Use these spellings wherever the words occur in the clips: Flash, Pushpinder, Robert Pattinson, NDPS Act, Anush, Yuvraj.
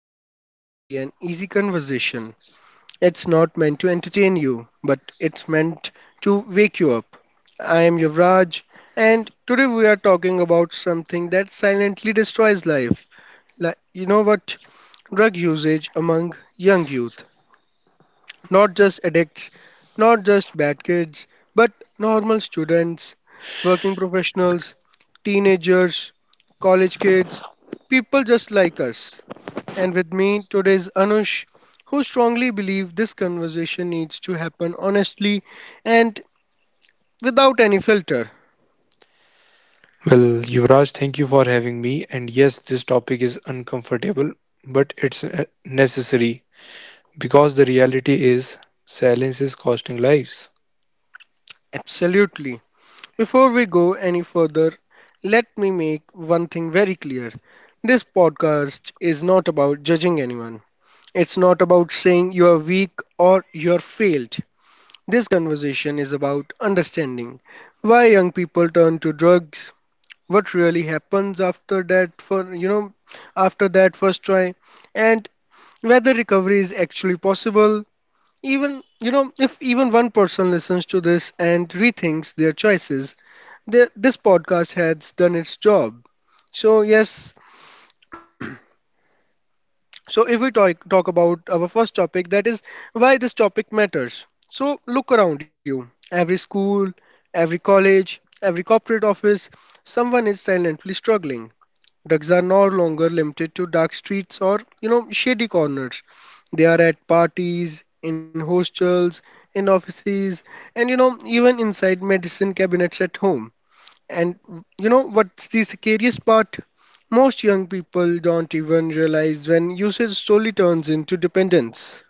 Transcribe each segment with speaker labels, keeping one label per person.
Speaker 1: is not going to be an easy conversation. It's not meant to entertain you, but it's meant to wake you up. I am Yuvraj, and today we are talking about something that silently destroys life. Like, you know what? Drug usage among young youth. Not just addicts, not just bad kids, but normal students, working professionals, teenagers, college kids, people just like us. And with me today is Anush, who strongly believes this conversation needs to happen honestly and without any filter.
Speaker 2: Well, Yuvraj, thank you for having me. And yes, this topic is uncomfortable, but it's necessary because the reality is silence is costing lives.
Speaker 1: Absolutely. Before we go any further, let me make one thing very clear. This podcast is not about judging anyone. It's not about saying you are weak or you are failed. This conversation is about understanding why young people turn to drugs, what really happens after that for you know after that first try and whether recovery is actually possible. Even if even one person listens to this and rethinks their choices, this podcast has done its job. So yes, So, if we talk about our first topic, that is why this topic matters. So, look around you. Every school, every college, every corporate office, someone is silently struggling. Drugs are no longer limited to dark streets or, shady corners. They are at parties, in hostels, in offices, and, even inside medicine cabinets at home. And you know what's the scariest part? Most young people don't even realize when usage slowly turns into dependence.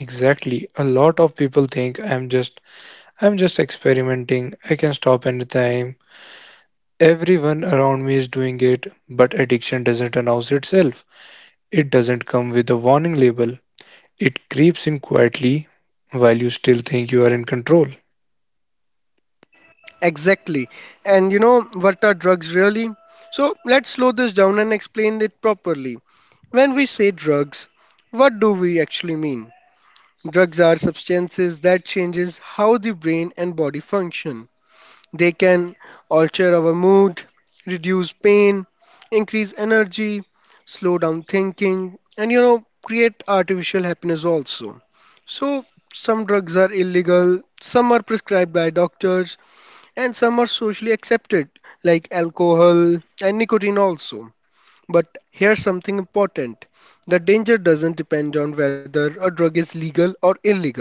Speaker 2: Exactly. A lot of people think I'm just experimenting. I can stop anytime. Everyone around me is doing it, but addiction doesn't announce itself. It doesn't come with a warning label. It creeps in quietly while you still think you are in control.
Speaker 1: Exactly. And you know what are drugs really? So let's slow this down and explain it properly. When we say drugs, what do we actually mean? Drugs are substances that changes how the brain and body function. They can alter our mood, reduce pain, increase energy, slow down thinking, and create artificial happiness also. So, some drugs are illegal, some are prescribed by doctors, and some are socially accepted, like alcohol and nicotine also. But here's something important the danger doesn't depend on whether a drug is legal or illegal.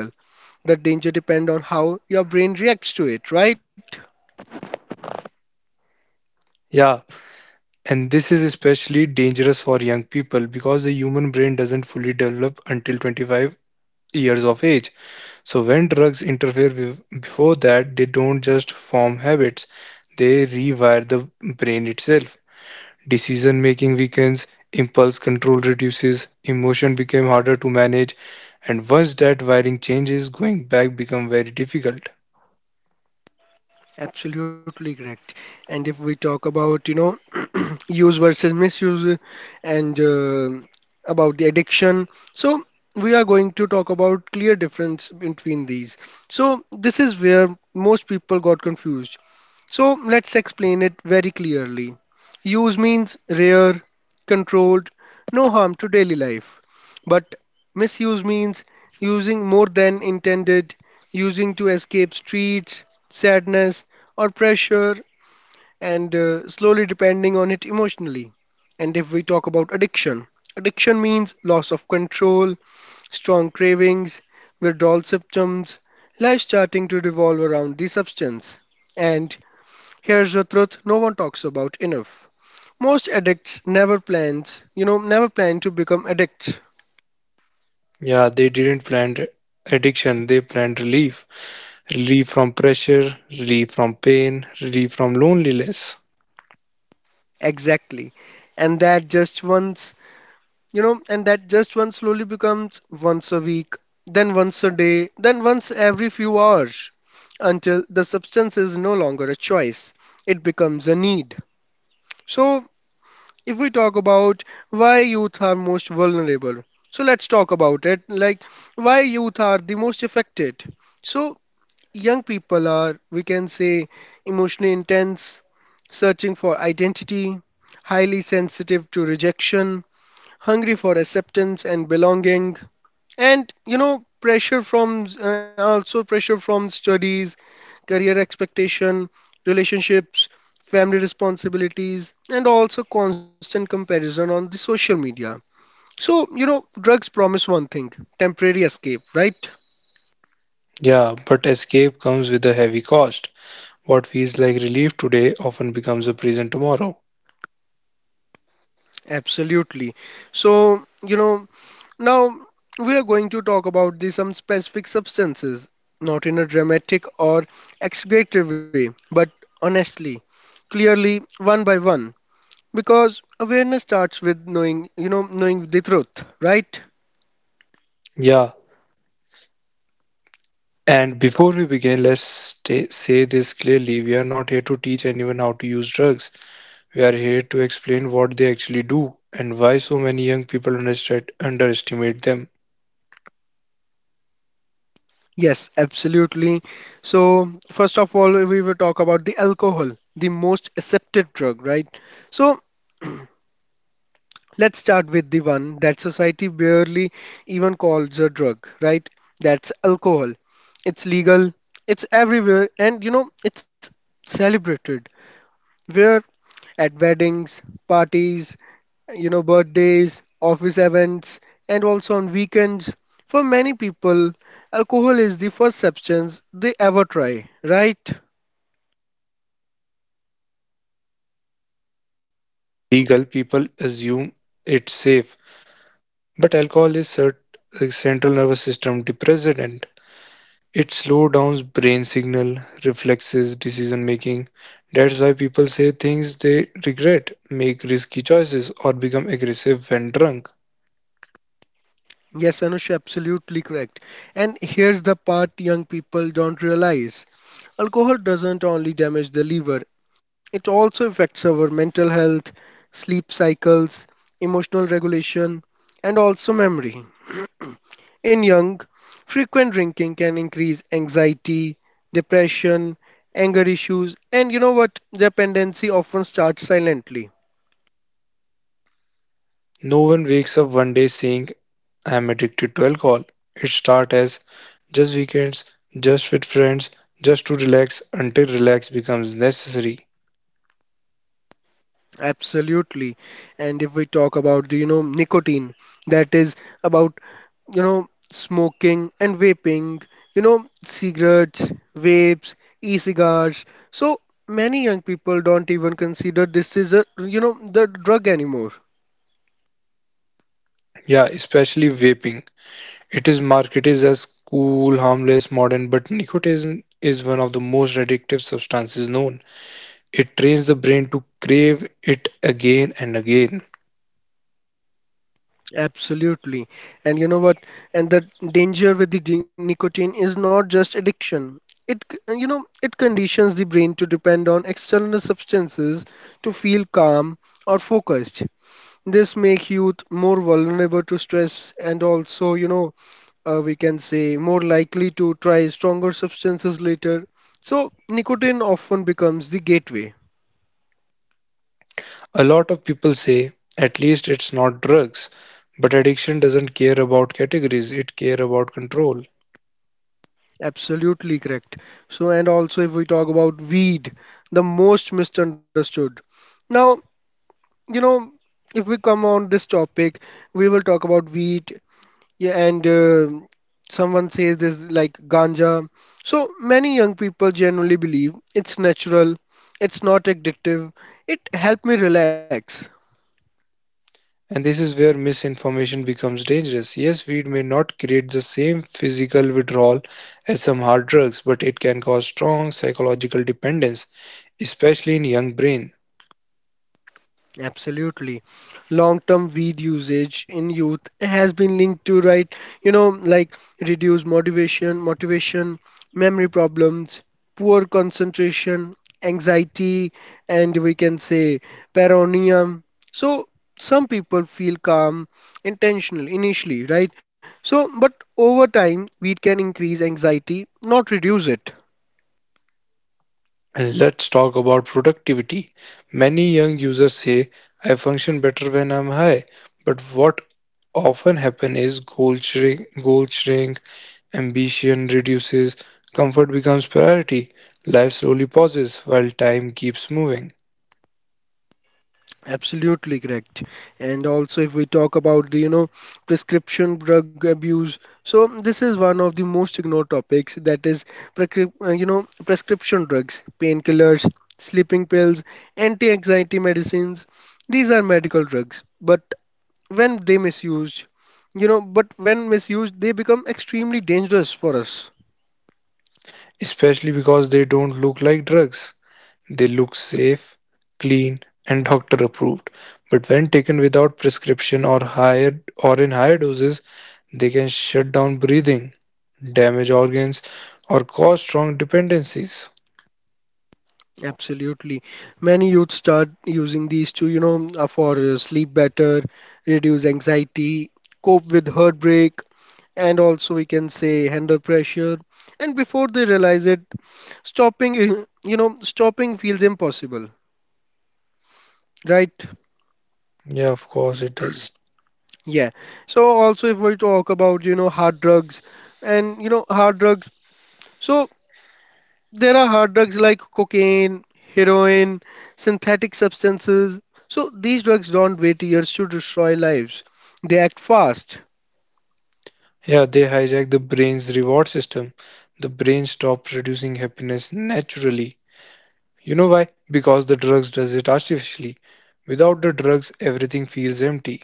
Speaker 1: The danger depends on how your brain reacts to it, right?
Speaker 2: Yeah, and this is especially dangerous for young people because the human brain doesn't fully develop until 25 years of age. So when drugs interfere with, before that, they don't just form habits, they rewire the brain itself. Decision making weakens, impulse control reduces, emotion become harder to manage, and once that wiring changes, going back become very difficult.
Speaker 1: Absolutely correct. And if we talk about, use versus misuse and about the addiction, so we are going to talk about clear difference between these. So this is where most people got confused. So let's explain it very clearly. Use means rare, controlled, no harm to daily life. But misuse means using more than intended, using to escape streets, sadness, or pressure and slowly depending on it emotionally. And if we talk about addiction, addiction means loss of control, strong cravings, withdrawal symptoms, life starting to revolve around the substance. And here's the truth no one talks about enough. Most addicts never plans, never plan to become addicts.
Speaker 2: Yeah, they didn't plan addiction, they planned relief. Relief from pressure, relief from pain, relief from loneliness.
Speaker 1: Exactly. And that just one slowly becomes once a week, then once a day, then once every few hours, until the substance is no longer a choice. It becomes a need. So, if we talk about why youth are most vulnerable, so let's talk about it like why youth are the most affected. So, young people are, we can say, emotionally intense, searching for identity, highly sensitive to rejection, hungry for acceptance and belonging, and you know pressure from also pressure from studies, career expectation, relationships, family responsibilities, and also constant comparison on the social media. So you know drugs promise one thing, temporary escape, right?
Speaker 2: Yeah, but escape comes with a heavy cost. What feels like relief today often becomes a prison tomorrow.
Speaker 1: Absolutely. so you know Now, we are going to talk about the some specific substances, not in a dramatic or exaggerated way, but honestly, clearly, one by one, because awareness starts with knowing, knowing the truth, right?
Speaker 2: Yeah, and before we begin, say this clearly. We are not here to teach anyone how to use drugs. We are here to explain what they actually do and why so many young people underestimate them.
Speaker 1: Yes, absolutely. So, first of all, we will talk about the alcohol, the most accepted drug, right? So, let's start with the one that society barely even calls a drug, right? That's alcohol. It's legal, it's everywhere, and it's celebrated. Where at weddings, parties, birthdays, office events, and also on weekends. For many people, alcohol is the first substance they ever try, right?
Speaker 2: Legal, people assume it's safe. But alcohol is a central nervous system depressant. It slows down brain signal, reflexes, decision making. That's why people say things they regret, make risky choices, or become aggressive when drunk.
Speaker 1: Yes, Anush, absolutely correct. And here's the part young people don't realize. Alcohol doesn't only damage the liver, it also affects our mental health, sleep cycles, emotional regulation, and also memory. In young, frequent drinking can increase anxiety, depression, anger issues, and you know what? Dependency often starts silently.
Speaker 2: No one wakes up one day saying, I am addicted to alcohol. It starts as just weekends, just with friends, just to relax until relax becomes necessary.
Speaker 1: Absolutely. And if we talk about the, nicotine, that is about, smoking and vaping, cigarettes, vapes, e-cigars. So many young people don't even consider this is a, the drug anymore.
Speaker 2: Yeah, especially vaping. It is marketed as cool, harmless, modern, but nicotine is one of the most addictive substances known. It trains the brain to crave it again and again.
Speaker 1: Absolutely. And you know what? And the danger with the nicotine is not just addiction. It, it conditions the brain to depend on external substances to feel calm or focused. This make youth more vulnerable to stress and also, we can say more likely to try stronger substances later. So nicotine often becomes the gateway.
Speaker 2: A lot of people say, at least it's not drugs, but addiction doesn't care about categories, it care about control.
Speaker 1: Absolutely correct. So and also if we talk about weed, the most misunderstood. Now, you know, if we come on this topic, we will talk about weed. Yeah, and Someone says this like ganja. So many young people generally believe it's natural, it's not addictive, it helped me relax.
Speaker 2: And this is where misinformation becomes dangerous. Yes, weed may not create the same physical withdrawal as some hard drugs, but it can cause strong psychological dependence, especially in young brains.
Speaker 1: Absolutely. Long-term weed usage in youth has been linked to, right, you know, like reduced motivation, memory problems, poor concentration, anxiety, and we can say paranoia. So some people feel calm intentional initially, right? So, but over time, weed can increase anxiety, not reduce it.
Speaker 2: And let's talk about productivity. Many young users say, I function better when I'm high. But what often happens is goal shrink, ambition reduces, comfort becomes priority, life slowly pauses while time keeps moving,
Speaker 1: Absolutely correct. And also, if we talk about the, prescription drug abuse, so this is one of the most ignored topics that is, prescription drugs, painkillers, sleeping pills, anti-anxiety medicines. These are medical drugs, but when they misused, you know, but when misused, they become extremely dangerous for us.
Speaker 2: especially because they don't look like drugs. They look safe, clean, and doctor approved. But when taken without prescription or higher or in higher doses, they can shut down breathing, damage organs, or cause strong dependencies.
Speaker 1: Absolutely. Many youth start using these to, you know, for sleep better, reduce anxiety, cope with heartbreak, and also we can say handle pressure. And before they realize it, stopping feels impossible, right?
Speaker 2: Yeah, of course it does.
Speaker 1: Yeah. So also if we talk about, hard drugs and, hard drugs. So there are hard drugs like cocaine, heroin, synthetic substances. So these drugs don't wait years to destroy lives. They act fast.
Speaker 2: Yeah, they hijack the brain's reward system. The brain stops producing happiness naturally. You know why? Because the drugs does it artificially. Without the drugs, everything feels empty.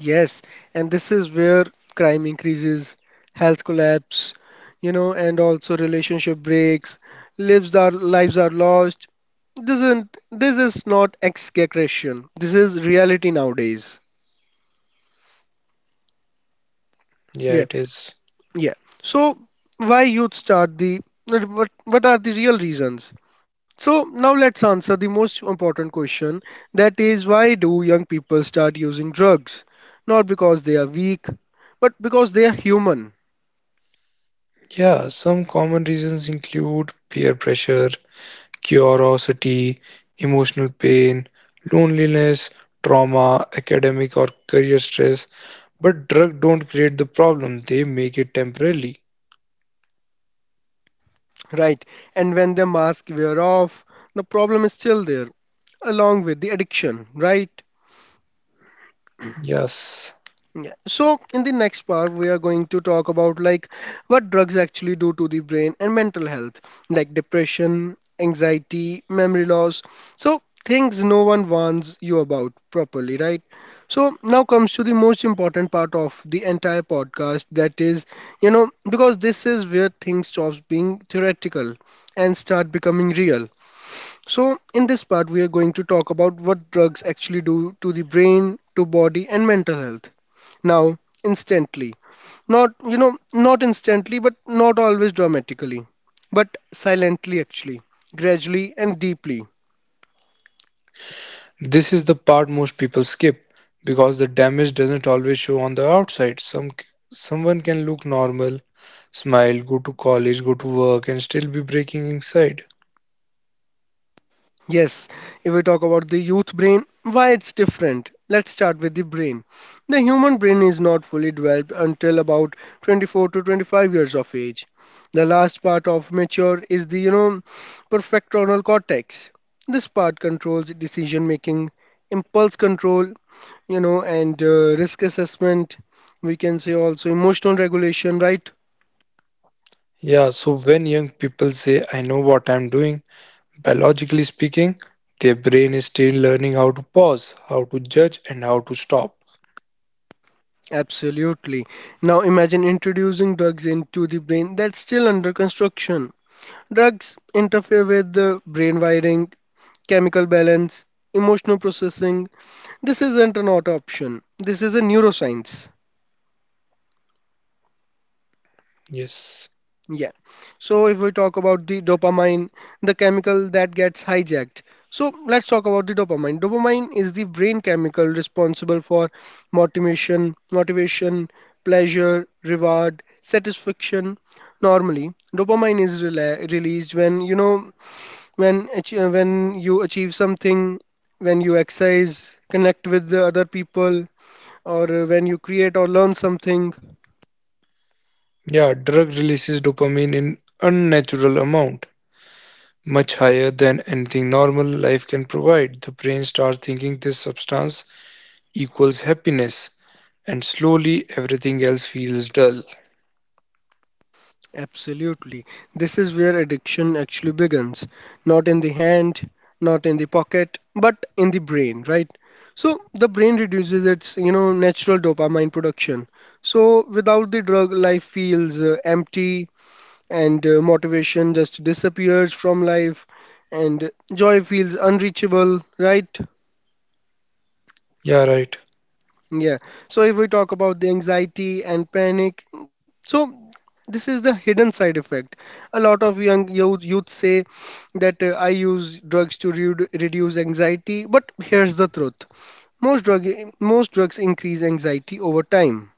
Speaker 1: Yes, and this is where crime increases, health collapse, and also relationship breaks, lives are lost. This is not ex-aggression. This is reality nowadays.
Speaker 2: Yeah,
Speaker 1: Yeah.
Speaker 2: it is.
Speaker 1: Yeah. So why youth start the what are the real reasons? So now let's answer the most important question, that is why do young people start using drugs? Not because they are weak, but because they are human,
Speaker 2: Yeah, some common reasons include peer pressure, curiosity, emotional pain, loneliness, trauma, academic or career stress. But drugs don't create the problem, they make it temporarily.
Speaker 1: right? And when the mask wear off, the problem is still there along with the addiction, right?
Speaker 2: Yes.
Speaker 1: Yeah. So in the next part, we are going to talk about like what drugs actually do to the brain and mental health, like depression, anxiety, memory loss. So things no one warns you about properly, right? So now comes to the most important part of the entire podcast, that is, because this is where things stops being theoretical and start becoming real. So, in this part, we are going to talk about what drugs actually do to the brain, to body, and mental health. Now, instantly. Not, you know, not instantly, but not always dramatically, but silently, actually, gradually, and deeply.
Speaker 2: This is the part most people skip because the damage doesn't always show on the outside. Someone can look normal, smile, go to college, go to work and still be breaking inside.
Speaker 1: Yes, if we talk about the youth brain, why it's different. Let's start with the brain. The human brain is not fully developed until about 24 to 25 years of age. The last part of mature is the, prefrontal cortex. This part controls decision making, impulse control, you know, and risk assessment. We can say also emotional regulation, right?
Speaker 2: Yeah, so when young people say I know what I'm doing, biologically speaking, their brain is still learning how to pause, how to judge, and how to stop.
Speaker 1: Absolutely. Now imagine introducing drugs into the brain that's still under construction. Drugs interfere with the brain wiring, chemical balance, emotional processing. This isn't an auto option. This is a neuroscience.
Speaker 2: Yes.
Speaker 1: Yeah. So if we talk about the dopamine, the chemical that gets hijacked. So let's talk about the dopamine. Dopamine is the brain chemical responsible for motivation, pleasure, reward, satisfaction. Normally, dopamine is released when you know when you achieve something, when you exercise, connect with the other people, or when you create or learn something.
Speaker 2: Yeah, drug releases dopamine in unnatural amount, much higher than anything normal life can provide. The brain starts thinking this substance equals happiness, and slowly everything else feels dull.
Speaker 1: Absolutely. This is where addiction actually begins, not in the hand, not in the pocket, but in the brain, right? So the brain reduces its natural dopamine production. So without the drug life feels empty, and motivation just disappears from life, and joy feels unreachable, right?
Speaker 2: Yeah, right.
Speaker 1: Yeah. So if we talk about the anxiety and panic, so this is the hidden side effect. A lot of youth say that I use drugs to re reduce anxiety, but here's the truth. Most drug Most drugs increase anxiety over time.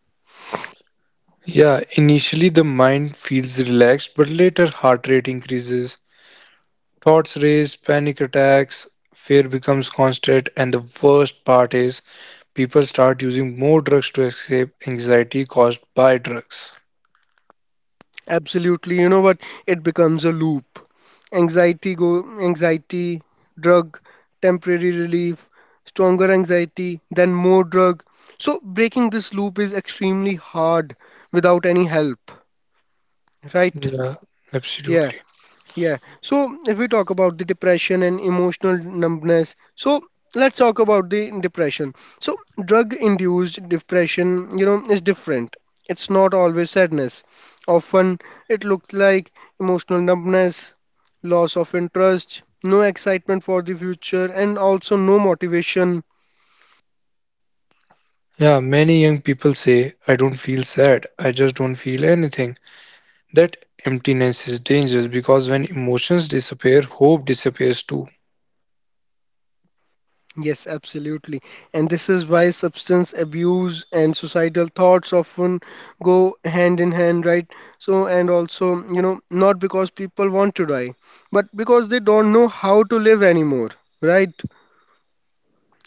Speaker 2: Yeah, initially the mind feels relaxed, but later heart rate increases, thoughts race, panic attacks, fear becomes constant, and the worst part is people start using more drugs to escape anxiety caused by drugs.
Speaker 1: Absolutely. You know what? It becomes a loop. Anxiety, drug, temporary relief, stronger anxiety, then more drug. So breaking this loop is extremely hard without any help, right?
Speaker 2: Yeah,
Speaker 1: Yeah.
Speaker 2: absolutely.
Speaker 1: Yeah. So if we talk about the depression and emotional numbness, so let's talk about the depression. So drug-induced depression is different. It's not always sadness. Often it looks like emotional numbness, loss of interest, no excitement for the future, and also no motivation.
Speaker 2: Yeah, many young people say, I don't feel sad, I just don't feel anything. That emptiness is dangerous because when emotions disappear, hope disappears too.
Speaker 1: Yes, absolutely. And this is why substance abuse and societal thoughts often go hand in hand, right? So, and also, not because people want to die, but because they don't know how to live anymore, right?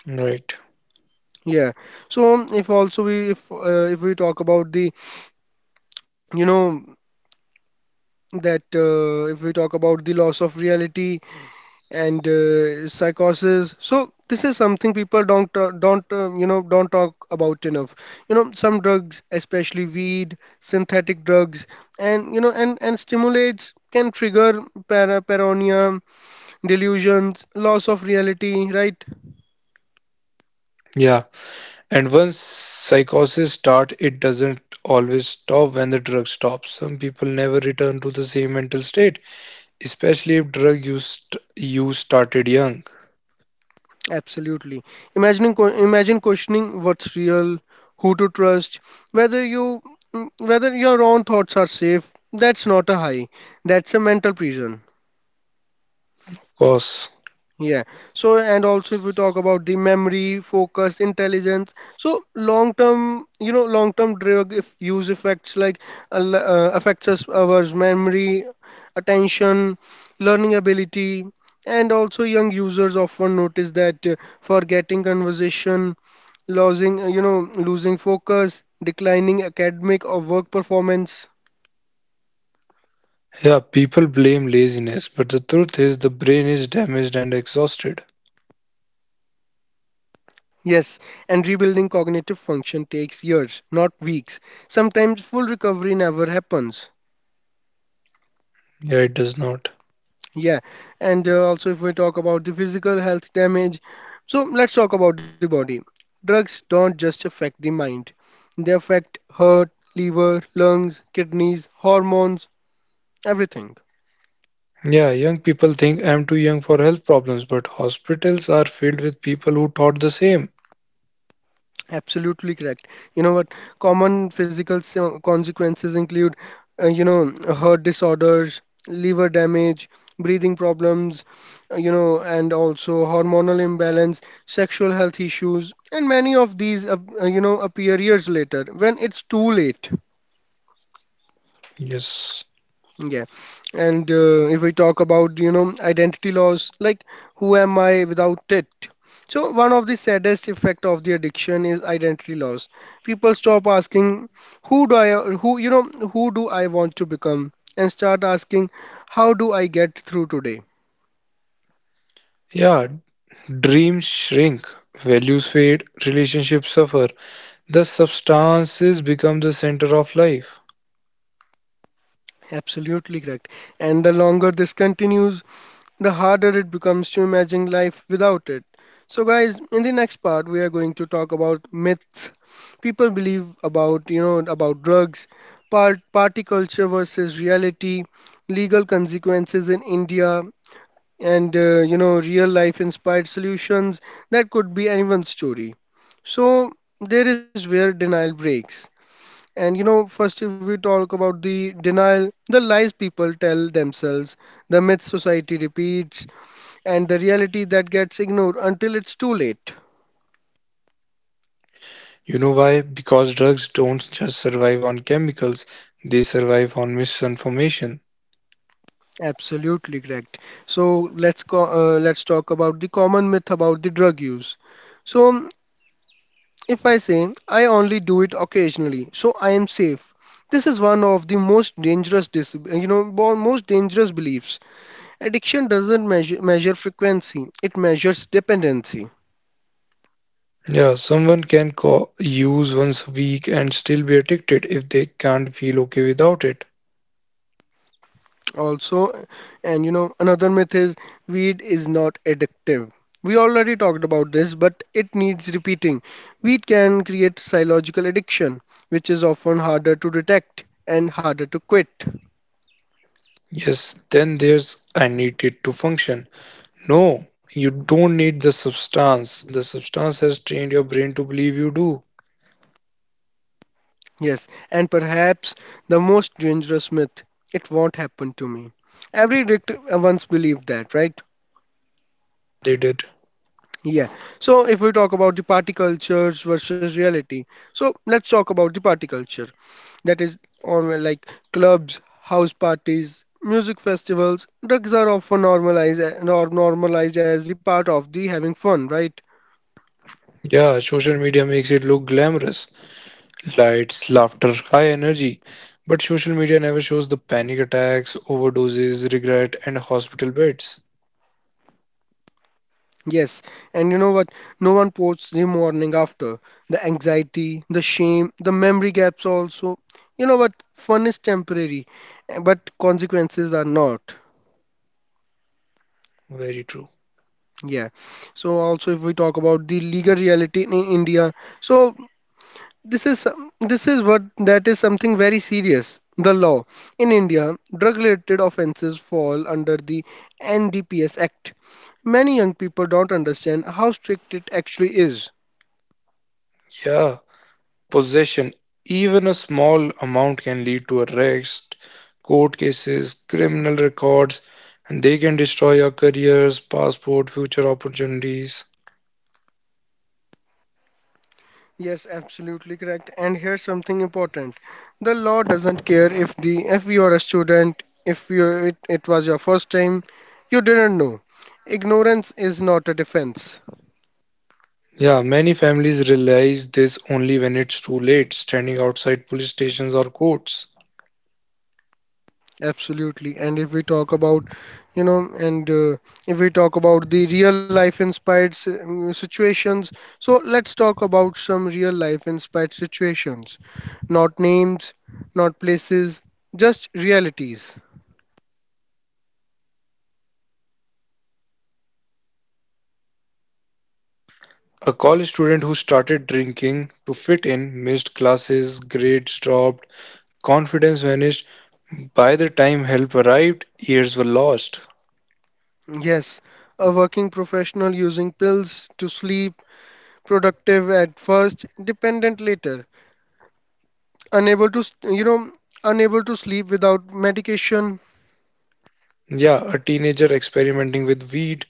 Speaker 2: Right.
Speaker 1: Yeah. So, if we talk about the, you know, that if we talk about the loss of reality and psychosis. So this is something people don't don't talk about enough. You know, some drugs, especially weed, synthetic drugs, and stimulates can trigger paranoia, delusions, loss of reality, right?
Speaker 2: Yeah, and once psychosis start, it doesn't always stop when the drug stops. Some people never return to the same mental state, especially if drug use started young. Cause
Speaker 1: Absolutely. Imagine questioning what's real, who to trust, whether you whether your own thoughts are safe. That's not a high, that's a mental prison. Yeah. So, and also if we talk about the memory, focus, intelligence, so long-term drug if use effects like affects us our memory, attention, learning ability, and also young users often notice that forgetting conversation, losing, losing focus, declining academic or work performance.
Speaker 2: yeah, people blame laziness, but the truth is the brain is damaged and exhausted.
Speaker 1: Yes, and rebuilding cognitive function takes years, not weeks. Sometimes full recovery never happens.
Speaker 2: Yeah, it does not.
Speaker 1: Yeah, and also if we talk about the physical health damage, so let's talk about the body. Drugs don't just affect the mind, they affect heart, liver, lungs, kidneys, hormones, everything.
Speaker 2: Yeah, young people think I'm too young for health problems, but hospitals are filled with people who thought the same.
Speaker 1: Absolutely correct. You know what? Common physical consequences include, heart disorders, liver damage, breathing problems, and also hormonal imbalance, sexual health issues, and many of these, appear years later when it's too late.
Speaker 2: Yes.
Speaker 1: Yeah. And if we talk about, identity loss, like who am I without it? So one of the saddest effect of the addiction is identity loss. People stop asking who do I who you know who do I want to become, and start asking how do I get through today?
Speaker 2: Yeah, dreams shrink, values fade, relationships suffer. The substances become the center of life.
Speaker 1: Absolutely correct. And the longer this continues, the harder it becomes to imagine life without it. So, guys, in the next part, we are going to talk about myths people believe about, about drugs, party culture versus reality, legal consequences in India, and, real life inspired solutions. That could be anyone's story. So, there is where denial breaks. And you know, first, if we talk about the denial, the lies people tell themselves, the myths society repeats, and the reality that gets ignored until it's too late.
Speaker 2: You know why? Because drugs don't just survive on chemicals, they survive on misinformation.
Speaker 1: Absolutely correct. So let's talk about the common myth about the drug use. So if I say I only do it occasionally, so I am safe. This is one of the most dangerous dis- you know bo- most dangerous beliefs. Addiction doesn't measure frequency; it measures dependency.
Speaker 2: Yeah, someone can use once a week and still be addicted if they can't feel okay without it.
Speaker 1: Also, and you know, another myth is weed is not addictive. We already talked about this, but it needs repeating. Weed can create psychological addiction, which is often harder to detect and harder to quit.
Speaker 2: Yes, then there's I need it to function. No, you don't need the substance. The substance has trained your brain to believe you do.
Speaker 1: Yes, and perhaps the most dangerous myth, it won't happen to me. Every addict once believed that, right?
Speaker 2: They did.
Speaker 1: Yeah. So if we talk about the party cultures versus reality, so let's talk about the party culture. That is on like clubs, house parties, music festivals. Drugs are often normalized or normalized as the part of the having fun, right?
Speaker 2: Yeah, social media makes it look glamorous. Lights, laughter, high energy. But social media never shows the panic attacks, overdoses, regret, and hospital beds.
Speaker 1: Yes, and you know what? No one posts the morning after. The anxiety, the shame, the memory gaps also. You know what? Fun is temporary, but consequences are not.
Speaker 2: Very true.
Speaker 1: Yeah. So also if we talk about the legal reality in India, so this is what, that is something very serious. The law in India, drug-related offences fall under the NDPS Act. Many young people don't understand how strict it actually is.
Speaker 2: Yeah, possession. Even a small amount can lead to arrest, court cases, criminal records, and they can destroy your careers, passport, future opportunities.
Speaker 1: Yes, absolutely correct. And here's something important. The law doesn't care if you are a student, if you it, it was your first time, you didn't know. Ignorance is not a defense.
Speaker 2: Yeah, many families realize this only when it's too late, standing outside police stations or courts.
Speaker 1: Absolutely. And if we talk about, you know, and if we talk about the real life inspired situations, so let's talk about some real life inspired situations. Not names, not places, just realities.
Speaker 2: A college student who started drinking to fit in, missed classes, grades dropped, confidence vanished. By the time help arrived, years were lost.
Speaker 1: Yes, a working professional using pills to sleep, productive at first, dependent later, unable to, s- you know, unable to sleep without medication.
Speaker 2: Yeah, a teenager experimenting with weed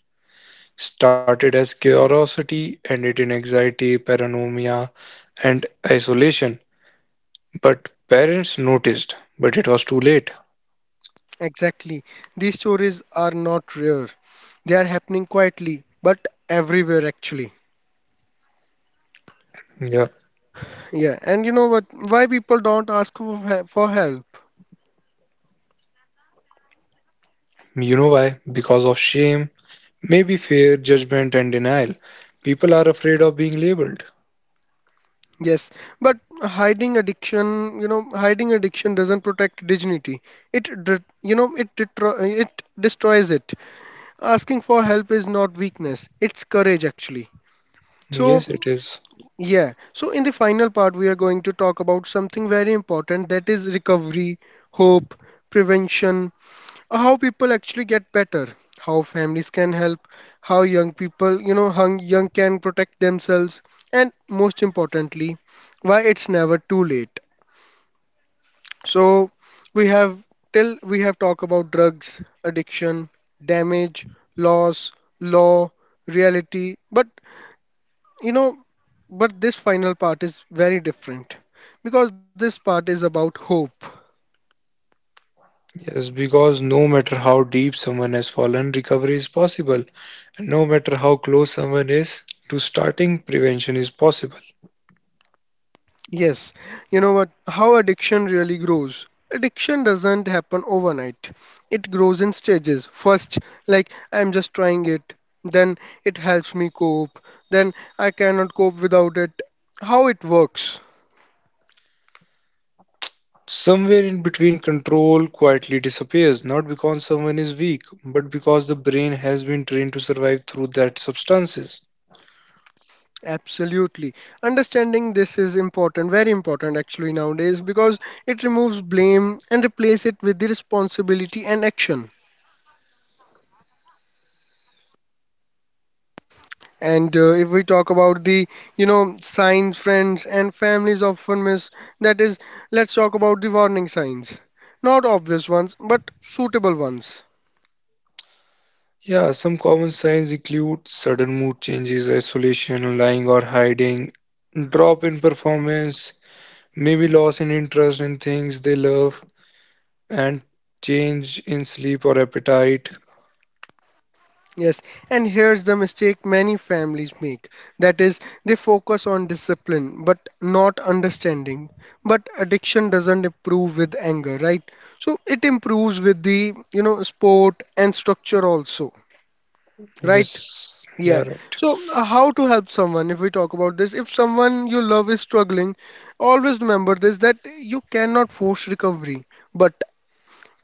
Speaker 2: started as curiosity, ended in anxiety, paranoia, and isolation. But parents noticed, but it was too late.
Speaker 1: Exactly. These stories are not rare. They are happening quietly, but everywhere actually.
Speaker 2: Yeah,
Speaker 1: Yeah, and you know what? Why people don't ask for, for help?
Speaker 2: you know why? Because of shame, maybe fear, judgment, and denial. People are afraid of being labeled.
Speaker 1: Yes, but hiding addiction doesn't protect dignity. It, det- you know, it detro- it destroys it. Asking for help is not weakness. It's courage actually. So,
Speaker 2: Yes, it is.
Speaker 1: yeah. So in the final part, we are going to talk about something very important, that is recovery, hope, prevention, how people actually get better, how families can help, how young people young can protect themselves, and most importantly, why it's never too late. So we have, till we have talked about drugs addiction, damage, loss, law, reality, but you know, but this final part is very different, because this part is about hope.
Speaker 2: Yes, because no matter how deep someone has fallen, recovery is possible. And no matter how close someone is to starting, prevention is possible.
Speaker 1: Yes, you know what? How addiction really grows. Addiction doesn't happen overnight. It grows in stages. First, like I'm just trying it, then it helps me cope, then I cannot cope without it. How it works.
Speaker 2: Somewhere in between, control quietly disappears, not because someone is weak, but because the brain has been trained to survive through that substances.
Speaker 1: Absolutely. Understanding this is important, very important actually nowadays, because it removes blame and replaces it with the responsibility and action. And if we talk about the, signs friends and families often miss, that is, let's talk about the warning signs. Not obvious ones, but suitable ones.
Speaker 2: Yeah, some common signs include sudden mood changes, isolation, lying or hiding, drop in performance, maybe loss in interest in things they love, and change in sleep or appetite.
Speaker 1: Yes, and here's the mistake many families make. That is, they focus on discipline but not understanding. But addiction doesn't improve with anger, right? So it improves with the, sport and structure also, right?
Speaker 2: Yes, yeah,
Speaker 1: Yeah.
Speaker 2: right.
Speaker 1: So, how to help someone if we talk about this? If someone you love is struggling, always remember this, that you cannot force recovery, but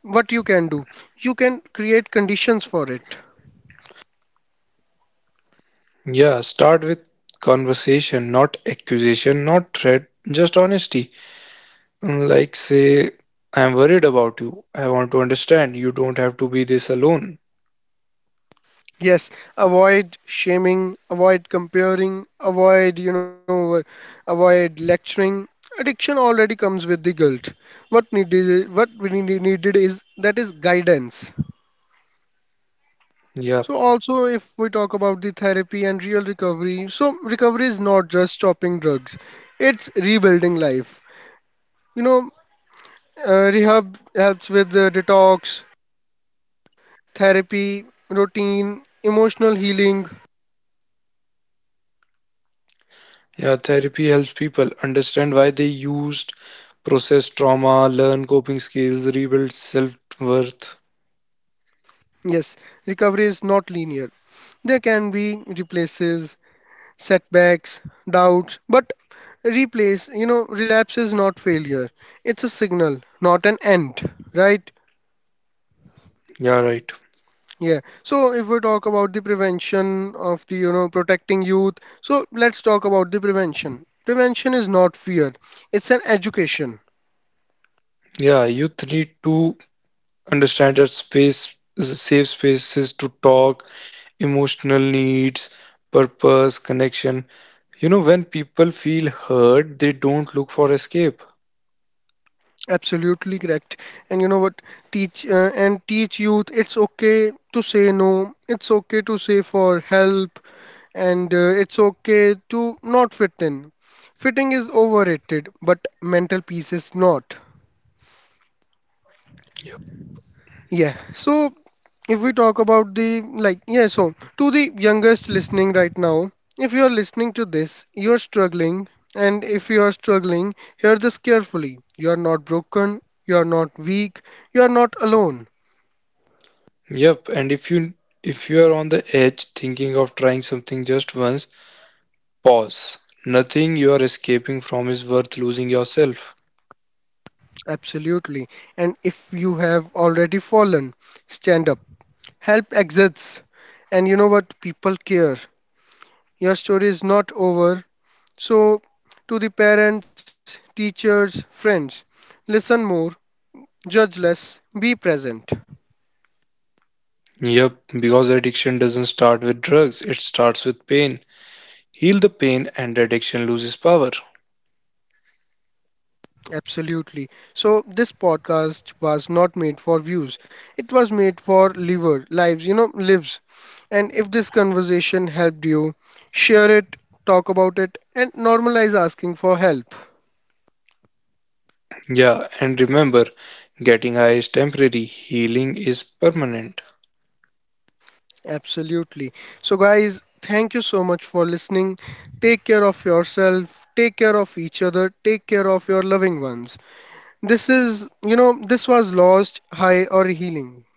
Speaker 1: what you can do, you can create conditions for it.
Speaker 2: Yeah, start with conversation, not accusation, not threat, just honesty. Like, say, I'm worried about you. I want to understand. You don't have to be this alone.
Speaker 1: Yes, avoid shaming, avoid comparing, avoid, avoid lecturing. Addiction already comes with the guilt. What we needed is that is guidance.
Speaker 2: Yeah,
Speaker 1: So also if we talk about the therapy and real recovery, so recovery is not just stopping drugs. It's rebuilding life. You know, rehab helps with the detox, therapy, routine, emotional healing.
Speaker 2: yeah, therapy helps people understand why they used, process trauma, learn coping skills, rebuild self worth.
Speaker 1: Yes, recovery is not linear. There can be replaces, setbacks, doubts, but relapse is not failure. It's a signal, not an end, right?
Speaker 2: Yeah, right.
Speaker 1: Yeah. So if we talk about the prevention of the, protecting youth, so let's talk about the prevention. Prevention is not fear. It's an education.
Speaker 2: Yeah, you need to understand that space is safe spaces to talk, emotional needs, purpose, connection. You know, when people feel hurt, they don't look for escape.
Speaker 1: Absolutely correct. And you know what? Teach youth it's okay to say no. It's okay to say for help, and it's okay to not fit in. Fitting is overrated, but mental peace is not.
Speaker 2: Yep.
Speaker 1: Yeah. So if we talk about the like, yeah, so to the youngest listening right now, if you are listening to this, you're struggling. And if you are struggling, hear this carefully: you are not broken, you are not weak, you are not alone.
Speaker 2: Yep. And if you are on the edge thinking of trying something just once, pause. Nothing you are escaping from is worth losing yourself.
Speaker 1: Absolutely. And if you have already fallen, stand up. Help exists, and you know what, people care. Your story is not over. So to the parents, teachers, friends, listen more, judge less, be present.
Speaker 2: Yep, because addiction doesn't start with drugs, it starts with pain. Heal the pain and the addiction loses power.
Speaker 1: Absolutely. So this podcast was not made for views. It was made for liver lives, you know, lives. And if this conversation helped you, share it, talk about it, and normalize asking for help.
Speaker 2: Yeah, and remember, getting high is temporary, healing is permanent.
Speaker 1: Absolutely. So guys, thank you so much for listening. Take care of yourself, take care of each other, take care of your loving ones. This is, this was Lost, High or Healing.